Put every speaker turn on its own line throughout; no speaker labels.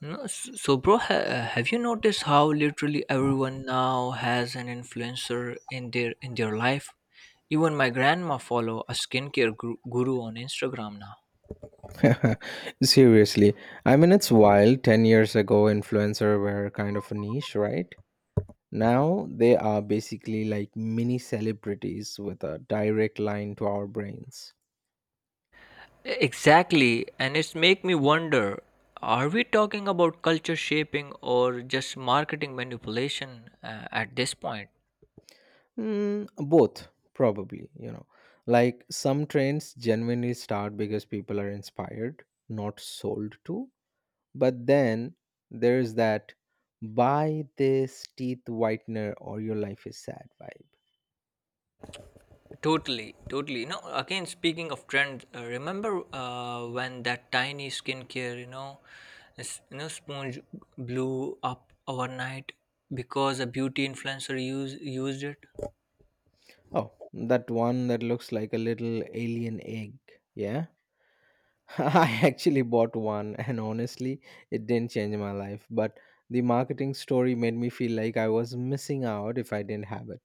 No, s- so bro, ha- Have you noticed how literally everyone now has an influencer in their life? Even my grandma follow a skincare guru on Instagram now.
Seriously, I mean, it's wild. 10 years ago, influencer were kind of a niche, right? Now they are basically like mini celebrities with a direct line to our brains.
Exactly, and it's make me wonder: are we talking about culture shaping or just marketing manipulation at this point?
Mm, both, probably, Like some trends genuinely start because people are inspired, not sold to. But then there's that buy this teeth whitener or your life is sad vibe.
Totally, totally. You know, again, speaking of trends, remember when that tiny skincare, sponge blew up overnight because a beauty influencer used it?
Oh, that one that looks like a little alien egg. Yeah. I actually bought one and honestly, it didn't change my life, but the marketing story made me feel like I was missing out if I didn't have it.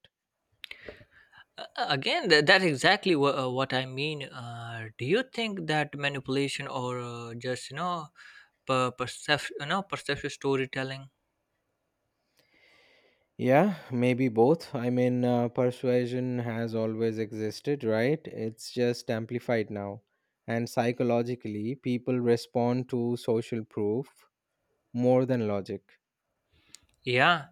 Again, that's exactly what I mean. Do you think that manipulation or just, you know, per- percep- you know, perceptive storytelling?
Yeah, maybe both. I mean, persuasion has always existed, right? It's just amplified now. And psychologically, people respond to social proof more than logic.
Yeah,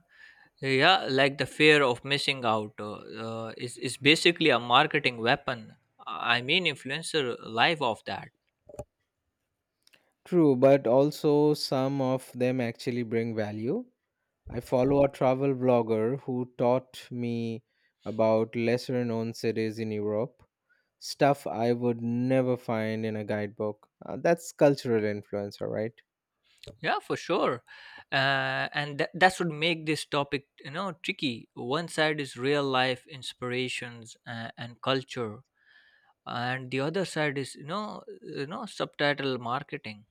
Yeah, like the fear of missing out is basically a marketing weapon. I mean, influencer live off that.
True, but also some of them actually bring value. I follow a travel blogger who taught me about lesser known cities in Europe, stuff I would never find in a guidebook. That's cultural influence, all right?
Yeah, for sure. And that's what make this topic, you know, tricky. One side is real life inspirations and culture, and the other side is, subtitle marketing.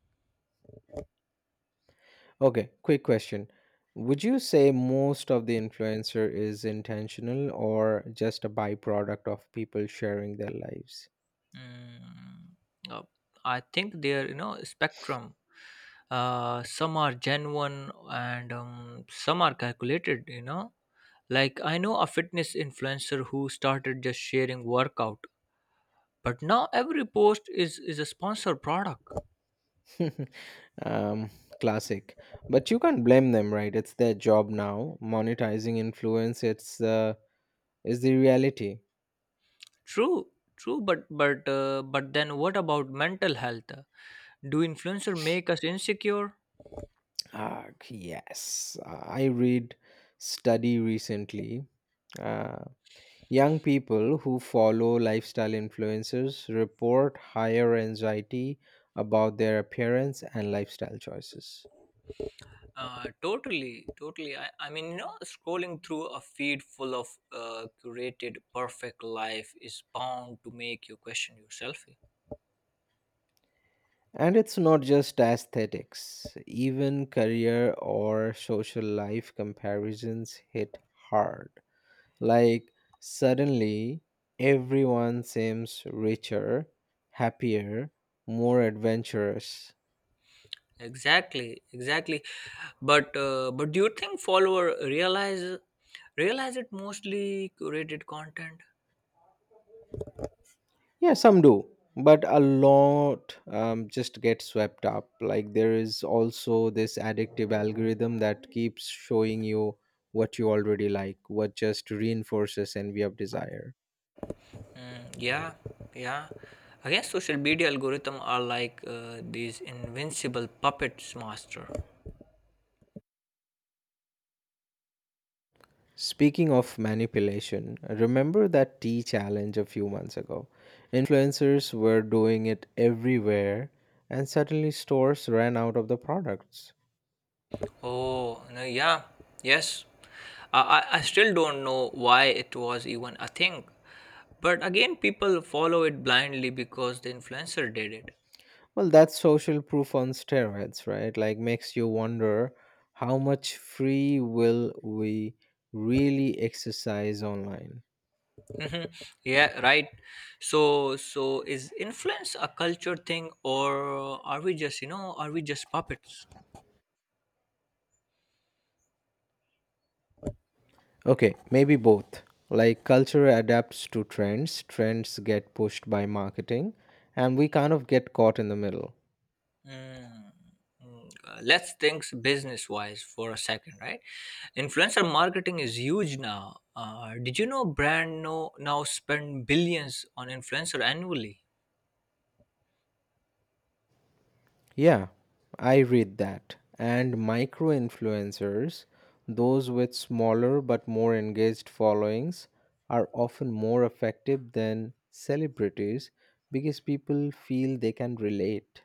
Okay, quick question. Would you say most of the influencer is intentional or just a byproduct of people sharing their lives?
Mm, uh, I think they're you know spectrum. Some are genuine and some are calculated. You know, like I know a fitness influencer who started just sharing workout, but now every post is a sponsored product.
um, Classic. But you can't blame them, right? It's their job now. Monetizing influence, it's is the reality.
True, true, but then what about mental health? Do influencer make us insecure?
Ah, yes. I read study recently. Uh, Young people who follow lifestyle influencers report higher anxiety about their appearance and lifestyle choices.
Totally, totally. I mean, you know, scrolling through a feed full of curated perfect life is bound to make you question yourself.
And it's not just aesthetics, even career or social life comparisons hit hard. Like, suddenly, everyone seems richer, happier, more adventurous.
Exactly, exactly. But do you think follower realize it mostly curated content?
Yeah, some do, but a lot just get swept up. Like there is also this addictive algorithm that keeps showing you what you already like, what just reinforces envy of desire.
Mm, yeah, yeah. I guess social media algorithm are like these invincible puppets, master.
Speaking of manipulation, remember that tea challenge a few months ago? Influencers were doing it everywhere, and suddenly stores ran out of the products.
Oh, no, yeah, yes. I still don't know why it was even a thing. But again, people follow it blindly because the influencer did it.
Well, that's social proof on steroids, right? Like, makes you wonder how much free will we really exercise online?
Mhm. Yeah, right. So is influence a culture thing, or are we just, you know, are we just puppets?
Okay, maybe both. Like, culture adapts to trends, trends get pushed by marketing, and we kind of get caught in the middle.
Mm. Mm. Let's think business-wise for a second, right? Influencer marketing is huge now. Did you know brand now spend billions on influencer annually?
Yeah, I read that. And micro influencers, those with smaller but more engaged followings, are often more effective than celebrities because people feel they can relate.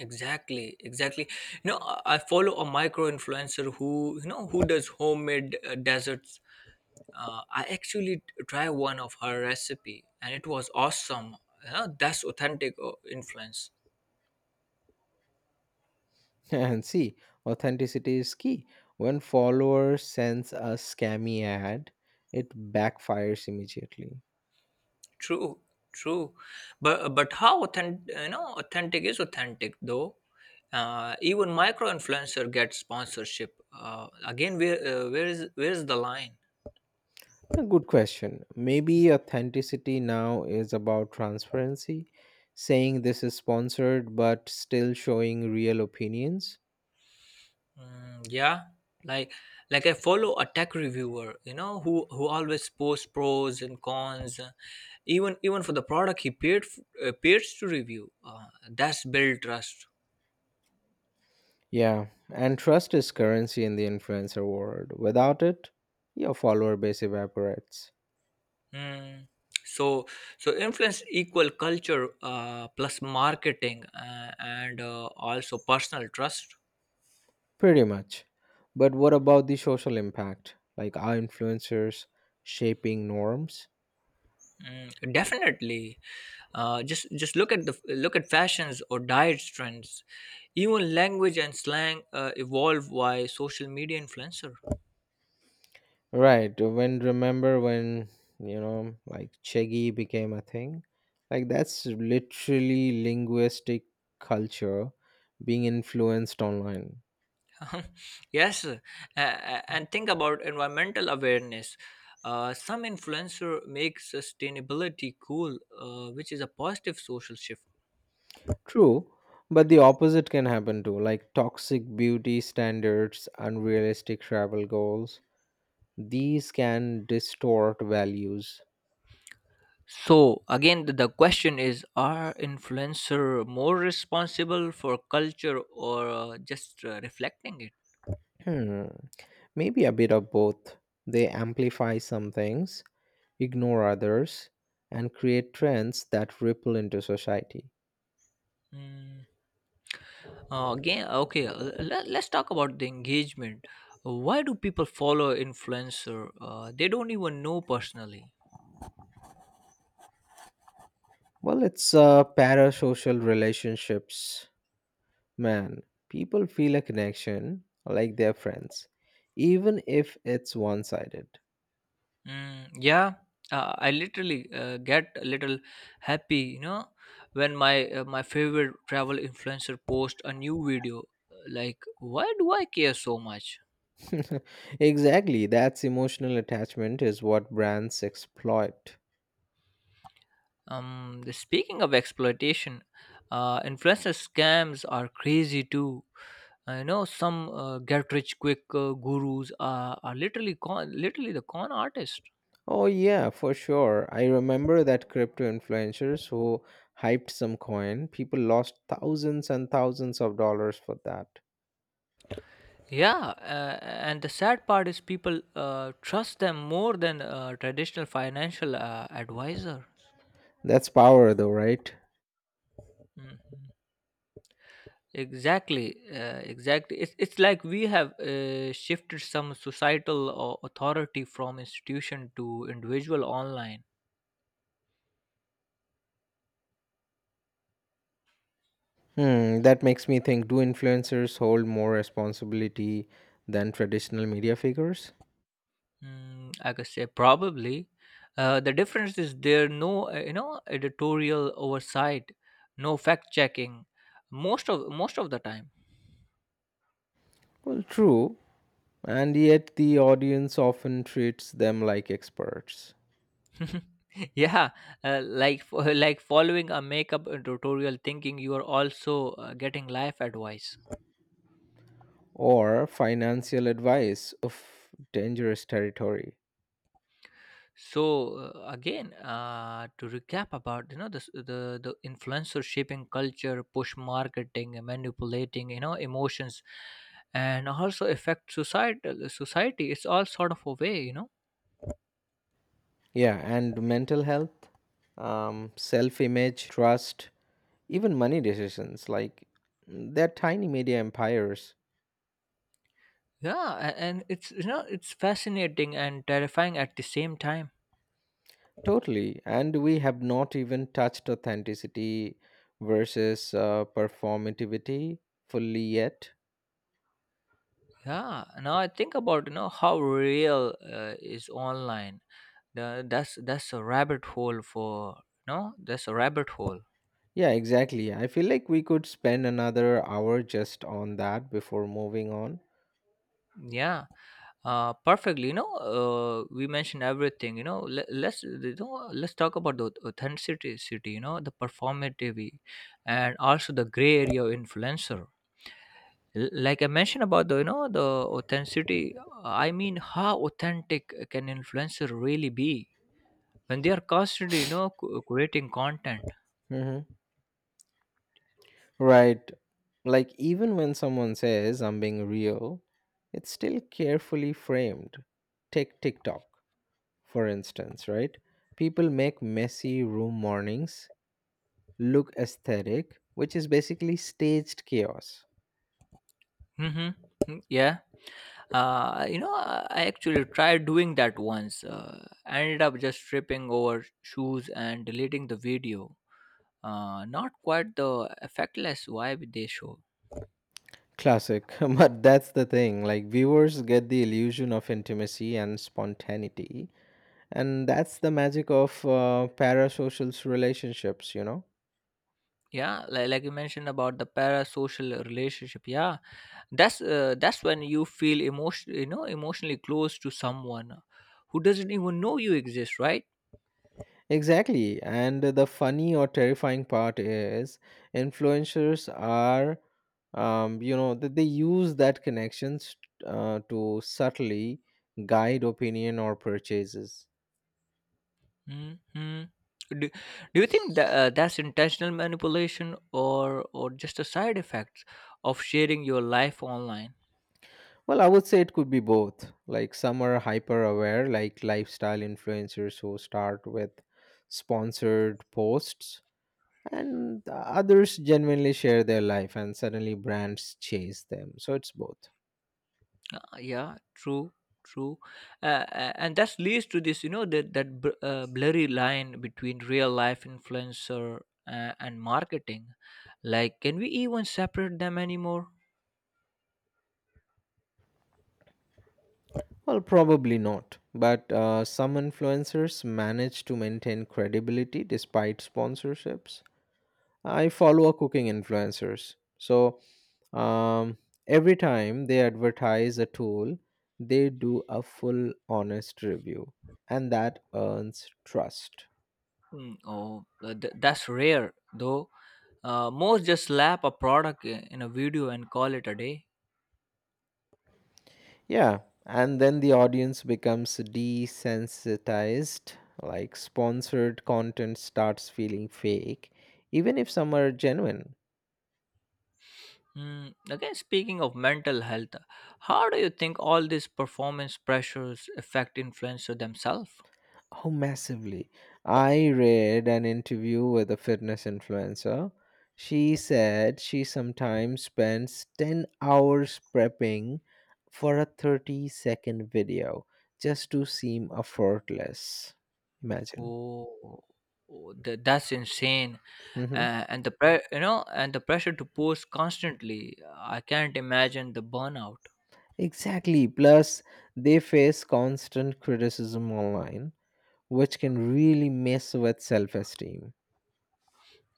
Exactly, exactly. You know, I follow a micro influencer who who does homemade desserts. I actually tried one of her recipe, and it was awesome. You know, that's authentic influence.
And see, authenticity is key. When followers sense a scammy ad, it backfires immediately.
True, true. But how authentic, you know, authentic is authentic though. Even micro influencer gets sponsorship. Again, where is the line?
A good question. Maybe authenticity now is about transparency, saying this is sponsored but still showing real opinions.
Mm, yeah, like I follow a tech reviewer, you know, who always posts pros and cons, uh, even for the product he paid appears to review. That's build trust.
Yeah, and trust is currency in the influencer world. Without it, your follower base evaporates.
Mm. So, so influence equal culture plus marketing and also personal trust.
Pretty much. But what about the social impact? Like, are influencers shaping norms?
Mm, definitely. Uh, just look at the look at fashions or diet trends. Even language and slang evolve by social media influencer.
Right. When remember when, like Cheggy became a thing? Like that's literally linguistic culture being influenced online.
Yes, and think about environmental awareness. Some influencer makes sustainability cool, which is a positive social shift.
True, but the opposite can happen too, like toxic beauty standards, unrealistic travel goals. These can distort values.
So again, the question is: are influencer more responsible for culture or just reflecting it?
Hmm. Maybe a bit of both. They amplify some things, ignore others, and create trends that ripple into society.
Mm. Again, okay. Let's talk about the engagement. Why do people follow influencer? They don't even know personally.
Well, it's parasocial relationships. Man, people feel a connection like they're friends, even if it's one sided.
Mm, yeah, I literally get a little happy, you know, when my favorite travel influencer post a new video. Like, why do I care so much?
Exactly, that's emotional attachment is what brands exploit.
Speaking of exploitation, influencer scams are crazy too. I know some get rich quick gurus are literally literally the con artist.
Oh, yeah, for sure. I remember that crypto influencers who hyped some coin, people lost thousands and thousands of dollars for that.
Yeah, uh, and the sad part is people trust them more than traditional financial advisor.
That's power, though, right?
Mhm. Exactly, exactly. It's like we have shifted some societal authority from institution to individual online.
Hmm, that makes me think do influencers hold more responsibility than traditional media figures?
Mm, I could say probably. The difference is there no you know editorial oversight, no fact checking, most of the time.
Well, true, and yet the audience often treats them like experts
Yeah, like following a makeup tutorial, thinking you are also getting life advice.
or financial advice of dangerous territory.
So again, to recap about you know the influencer shaping culture, push marketing, and manipulating you know emotions, and also affect society. Society, it's all sort of a way you know.
Yeah, and mental health, self image, trust, even money decisions like mm, they're tiny media empires.
Yeah, and it's you know it's fascinating and terrifying at the same time.
Totally. And we have not even touched authenticity versus performativity fully yet.
Yeah, now I think about you know how real is online that's a rabbit hole for no that's a rabbit hole.
Yeah, exactly. I feel like we could spend another hour just on that before moving on.
Yeah perfectly you know we mentioned everything you know let's you know let's talk about the authenticity city you know the performative and also the gray area of influencer. Like I mentioned about the you know the authenticity, I mean how authentic can influencer really be when they are constantly you know creating content.
Hmm. Right. Like, even when someone says I'm being real, it's still carefully framed. Take TikTok, for instance, right? People make messy room mornings look aesthetic, which is basically staged chaos.
Mm-hmm. Mm, yeah, you know I actually tried doing that once. I ended up just tripping over shoes and deleting the video. Uh, not quite the effectless vibe they show.
Classic. But that's the thing. Like, viewers get the illusion of intimacy and spontaneity. And that's the magic of parasocial relationships, you know?
Yeah, like you mentioned about the parasocial relationship, yeah, that's when you feel emotion you know emotionally close to someone who doesn't even know you exist, right?
Exactly. And the funny or terrifying part is influencers are, that they use that connections to subtly guide opinion or purchases.
Mhm. Do you think that that's intentional manipulation or just a side effect of sharing your life online?
Well, I would say it could be both. Like some are hyper aware, like lifestyle influencers who start with sponsored posts, and others genuinely share their life, and suddenly brands chase them. So it's both.
Yeah, true, true, and that leads to this, you know, that blurry line between real life influencer and marketing. Like, can we even separate them anymore?
Well, probably not. But some influencers manage to maintain credibility despite sponsorships. I follow a cooking influencers. So um, every time they advertise a tool, they do a full honest review, and that earns trust.
Hmm. Oh, that's rare though. Most just slap a product in a video and call it a day.
Yeah, and then the audience becomes desensitized, like sponsored content starts feeling fake, even if some are genuine.
Hmm. Again, speaking of mental health, how do you think all these performance pressures affect influencers themselves?
Oh, massively. I read an interview with a fitness influencer. She said she sometimes spends 10 hours prepping for a 30-second video just to seem effortless. Imagine.
Oh, oh, that's insane.
Hmm.
Uh, you know, and the pressure to post constantly. I can't imagine the burnout.
Exactly. Plus, they face constant criticism online, which can really mess with self esteem.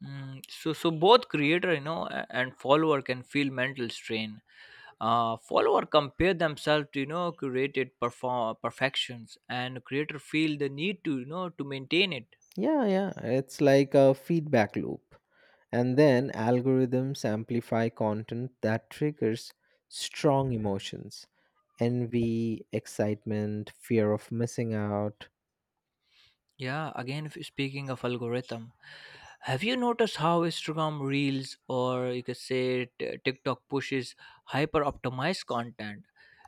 Mm, so, so both creator, you know, and follower can feel mental strain. Follower compare themselves to you know curated perform perfections, and creator feel the need to you know to maintain it.
Yeah, yeah. It's like a feedback loop. And then algorithms amplify content that triggers strong emotions envy, excitement, fear of missing out.
Yeah, again, speaking of algorithm, have you noticed how Instagram Reels or you could say TikTok pushes hyper optimized content?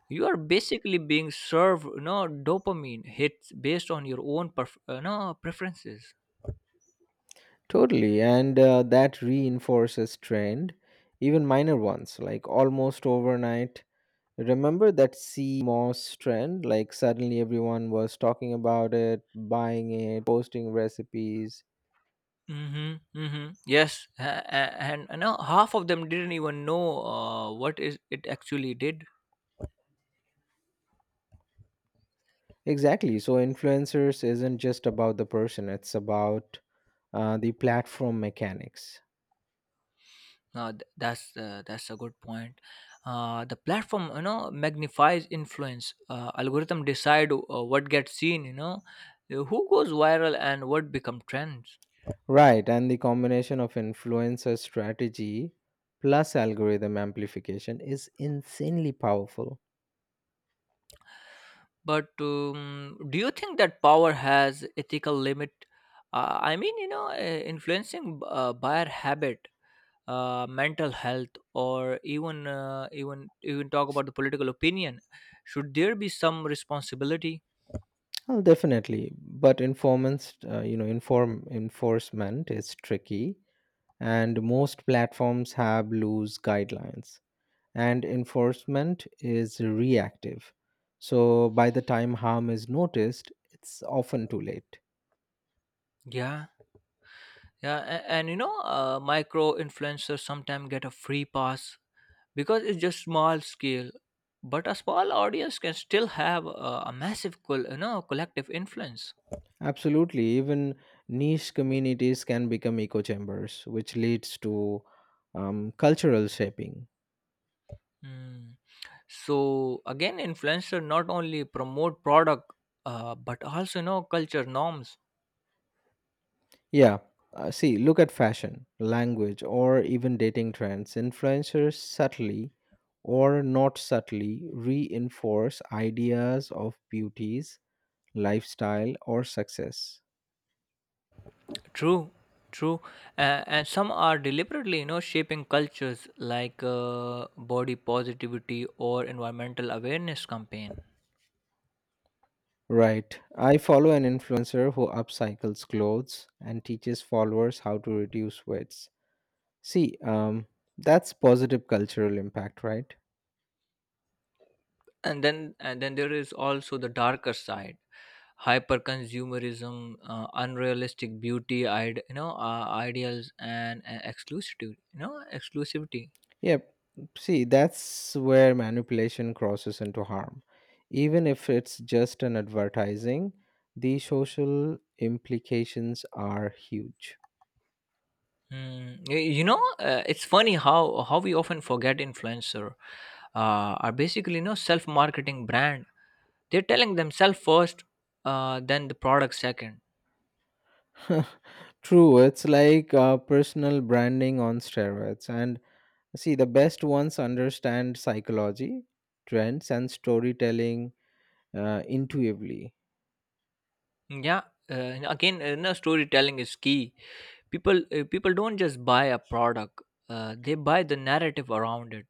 You are basically being served, you know, dopamine hits based on your own perf- no, preferences.
Totally. And that reinforces trend, even minor ones, like almost overnight. Remember that sea moss trend? Like, suddenly everyone was talking about it, buying it, posting recipes.
Mm-hmm. Mm-hmm. Yes, and you know, half of them didn't even know what is it actually did.
Exactly. So, influencers isn't just about the person, it's about the platform mechanics.
That's a good point. The platform, you know, magnifies influence. Algorithm decide what gets seen. You know, who goes viral and what become trends.
Right. And the combination of influencer strategy plus algorithm amplification is insanely powerful.
But do you think that power has ethical limit? I mean, you know, influencing buyer habit, mental health, or even even talk about the political opinion. Should there be some responsibility?
Oh, definitely, but inform enforcement is tricky, and most platforms have loose guidelines, and enforcement is reactive, so by the time harm is noticed it's often too late.
Yeah, yeah, and, you know, micro influencers sometimes get a free pass because it's just small scale, but a small audience can still have a massive you know collective influence.
Absolutely, even niche communities can become echo chambers which leads to cultural shaping.
Hmm. So again, influencer not only promote product, but also you know culture norms.
Yeah, see, look at fashion language or even dating trends influencers subtly or not subtly reinforce ideas of beauties, lifestyle, or success.
True, true, and some are deliberately you know shaping cultures like body positivity or environmental awareness campaign.
Right. I follow an influencer who upcycles clothes and teaches followers how to reduce weights. See, that's positive cultural impact, right?
And then, and then there is also the darker side: hyper consumerism, unrealistic beauty you know ideals, and exclusivity you know exclusivity.
Yep. See, that's where manipulation crosses into harm. Even if it's just an advertising, the social implications are huge.
Mm, you know, it's funny how we often forget influencer are basically you know self marketing brand. They're telling themselves first, then the product second.
True, it's like personal branding on steroids, and see, the best ones understand psychology, trends, and storytelling intuitively.
Yeah, and again, you know, storytelling is key. People don't just buy a product; they buy the narrative around it.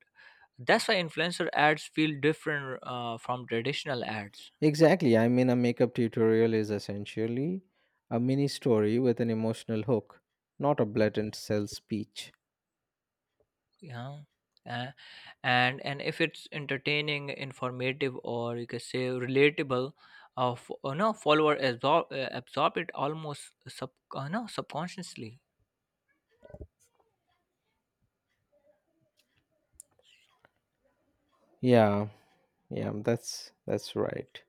That's why influencer ads feel different from traditional ads.
Exactly. I mean, a makeup tutorial is essentially a mini story with an emotional hook, not a blatant sales speech.
Yeah. Uh, and and if it's entertaining, informative, or you can say relatable, f- no follower absorb it almost sub no subconsciously.
Yeah, yeah, that's right.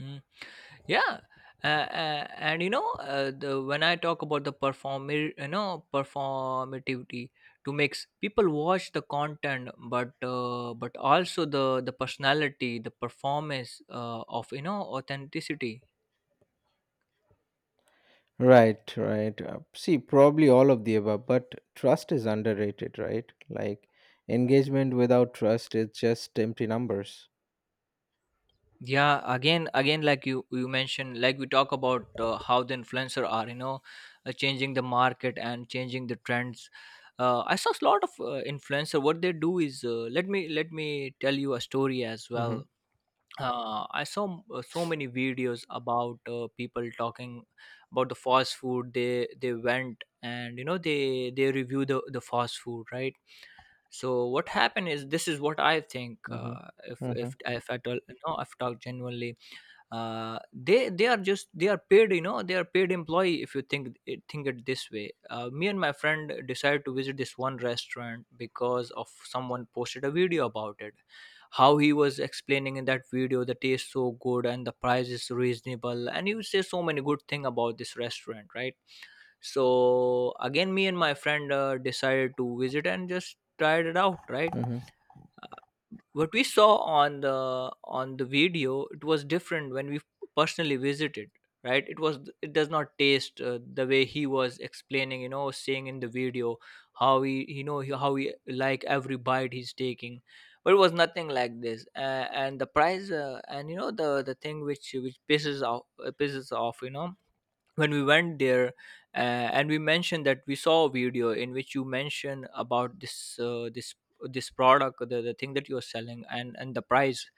Mm. Yeah, and you know the when I talk about the perform you know performativity to mix people watch the content, but but also the personality, the performance of you know authenticity.
Right, right. See, probably all of the above, but trust is underrated, right? Like engagement without trust is just empty numbers.
Yeah, again, again, like you mentioned, like we talk about how the influencer are you know changing the market and changing the trends. Uh, I saw a lot of influencer, what they do is uh, let me tell you a story as
Mm-hmm.
well. Uh, I saw so many videos about people talking about the fast food they went and you know they review the fast food, right? So what happened is, this is what I think,
Mm-hmm.
uh, if
Mm-hmm.
if if I tell, no, I've talked genuinely, uh, they are just they are paid you know they are paid employee if you think think it this way. Uh, me and my friend decided to visit this one restaurant because of someone posted a video about it. How he was explaining in that video the taste so good and the price is reasonable, and he would say so many good thing about this restaurant, right? So again, me and my friend decided to visit and just tried it out, right?
Mm-hmm.
What we saw on the video, it was different when we personally visited, right? It was, it does not taste the way he was explaining, you know, saying in the video, how he you know how he like every bite he's taking, but it was nothing like this. And the price and you know the thing which pisses off you know when we went there, and we mentioned that we saw a video in which you mentioned about this product, the thing that you're selling and the price.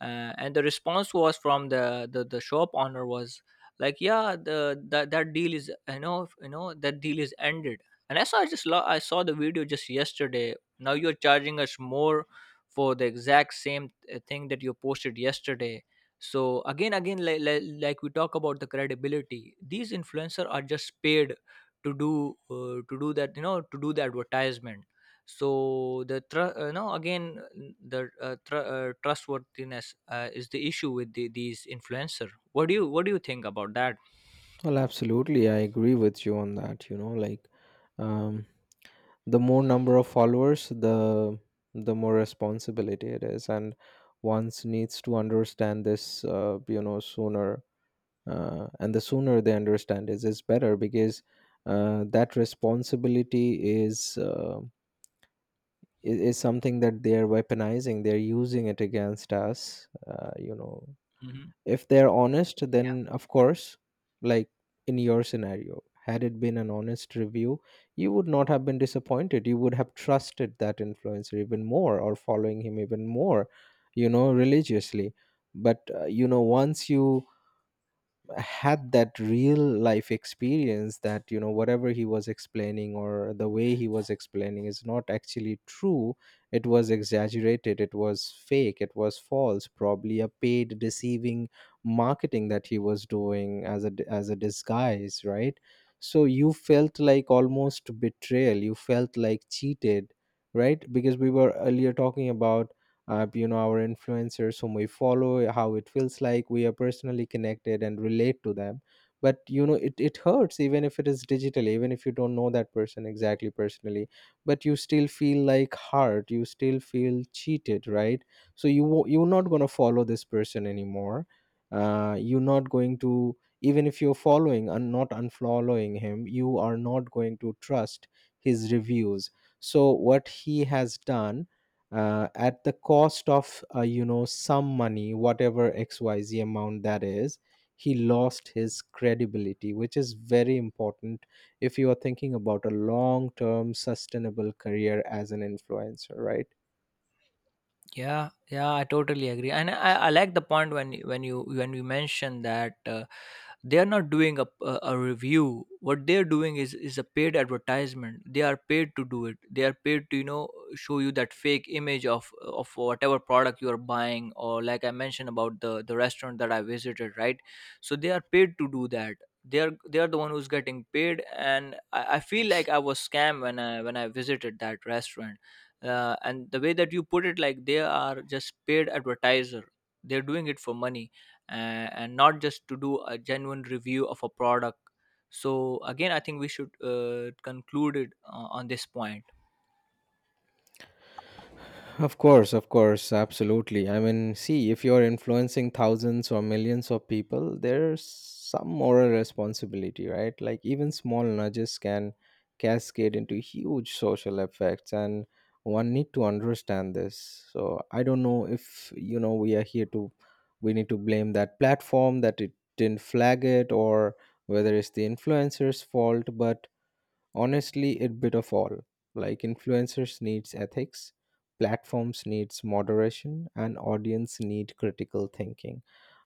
Uh, and the response was from the shop owner was like, yeah, the that, that deal is you know you know that deal is ended. And I saw the video just yesterday, now you're charging us more for the exact same thing that you posted yesterday. So again, again, like we talk about the credibility, these influencers are just paid to do that, you know, to do the advertisement. So the tr- no again n- the tr- trustworthiness is the issue with these influencer. What do you think about that?
Well, absolutely. I agree with you on that. You know, like um, the more number of followers, the more responsibility it is, and one's needs to understand this. You know, sooner, and the sooner they understand is better because that responsibility is. Is something that they are weaponizing, they're using it against us, you know.
Hmm.
If they're honest then of course, like in your scenario had it been an honest review you would not have been disappointed, you would have trusted that influencer even more or following him even more, you know, religiously. But you know, once you had that real life experience that you know whatever he was explaining or the way he was explaining is not actually true, it was exaggerated, it was fake, it was false, probably a paid deceiving marketing that he was doing as a disguise, right? So you felt like almost betrayal, you felt like cheated, right? Because we were earlier talking about you know our influencers whom we follow, how it feels like we are personally connected and relate to them. But you know it hurts even if it is digital, even if you don't know that person exactly personally, but you still feel like hurt, you still feel cheated, right? So you're not going to follow this person anymore, you're not going to, even if you're following and not unfollowing him, you are not going to trust his reviews. So what he has done, at the cost of you know some money, whatever xyz amount that is, he lost his credibility, which is very important if you are thinking about a long term sustainable career as an influencer, right?
Yeah, yeah, I totally agree, and I like the point when you- when you when you mentioned that they are not doing a review. What they are doing is a paid advertisement. They are paid to do it. They are paid to you know show you that fake image of whatever product you are buying, or like I mentioned about the restaurant that I visited, right? So they are paid to do that. They are the one who's getting paid, and I feel like I was scammed when I visited that restaurant. Uh, and the way that you put it, like they are just paid advertiser, they're doing it for money, uh, and not just to do a genuine review of a product. So again, I think we should conclude it on this point.
Of course, absolutely. I mean, see, if you're influencing thousands or millions of people, there's some moral responsibility, right? Like even small nudges can cascade into huge social effects, and one need to understand this. So, I don't know if, you know, we are here to we need to blame that platform that it didn't flag it or whether it's the influencer's fault, but honestly a bit of all, like influencers needs ethics, platforms needs moderation, and audience need critical thinking.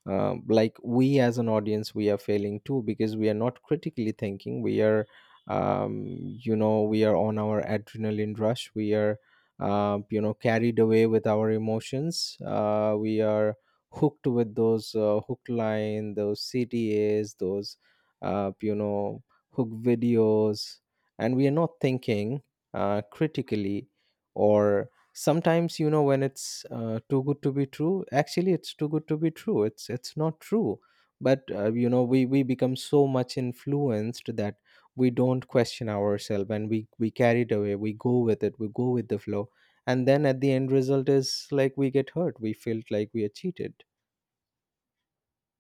Like we as an audience we are failing too because we are not critically thinking, we are um, you know we are on our adrenaline rush, we are you know carried away with our emotions, we are hooked with those hook line, those CTAs, those you know hook videos, and we are not thinking critically, or sometimes you know when it's too good to be true, actually it's too good to be true, it's not true. But you know we become so much influenced that we don't question ourselves, and we carried away, we go with it, we go with the flow, and then at the end result is like we get hurt, we felt like we are cheated.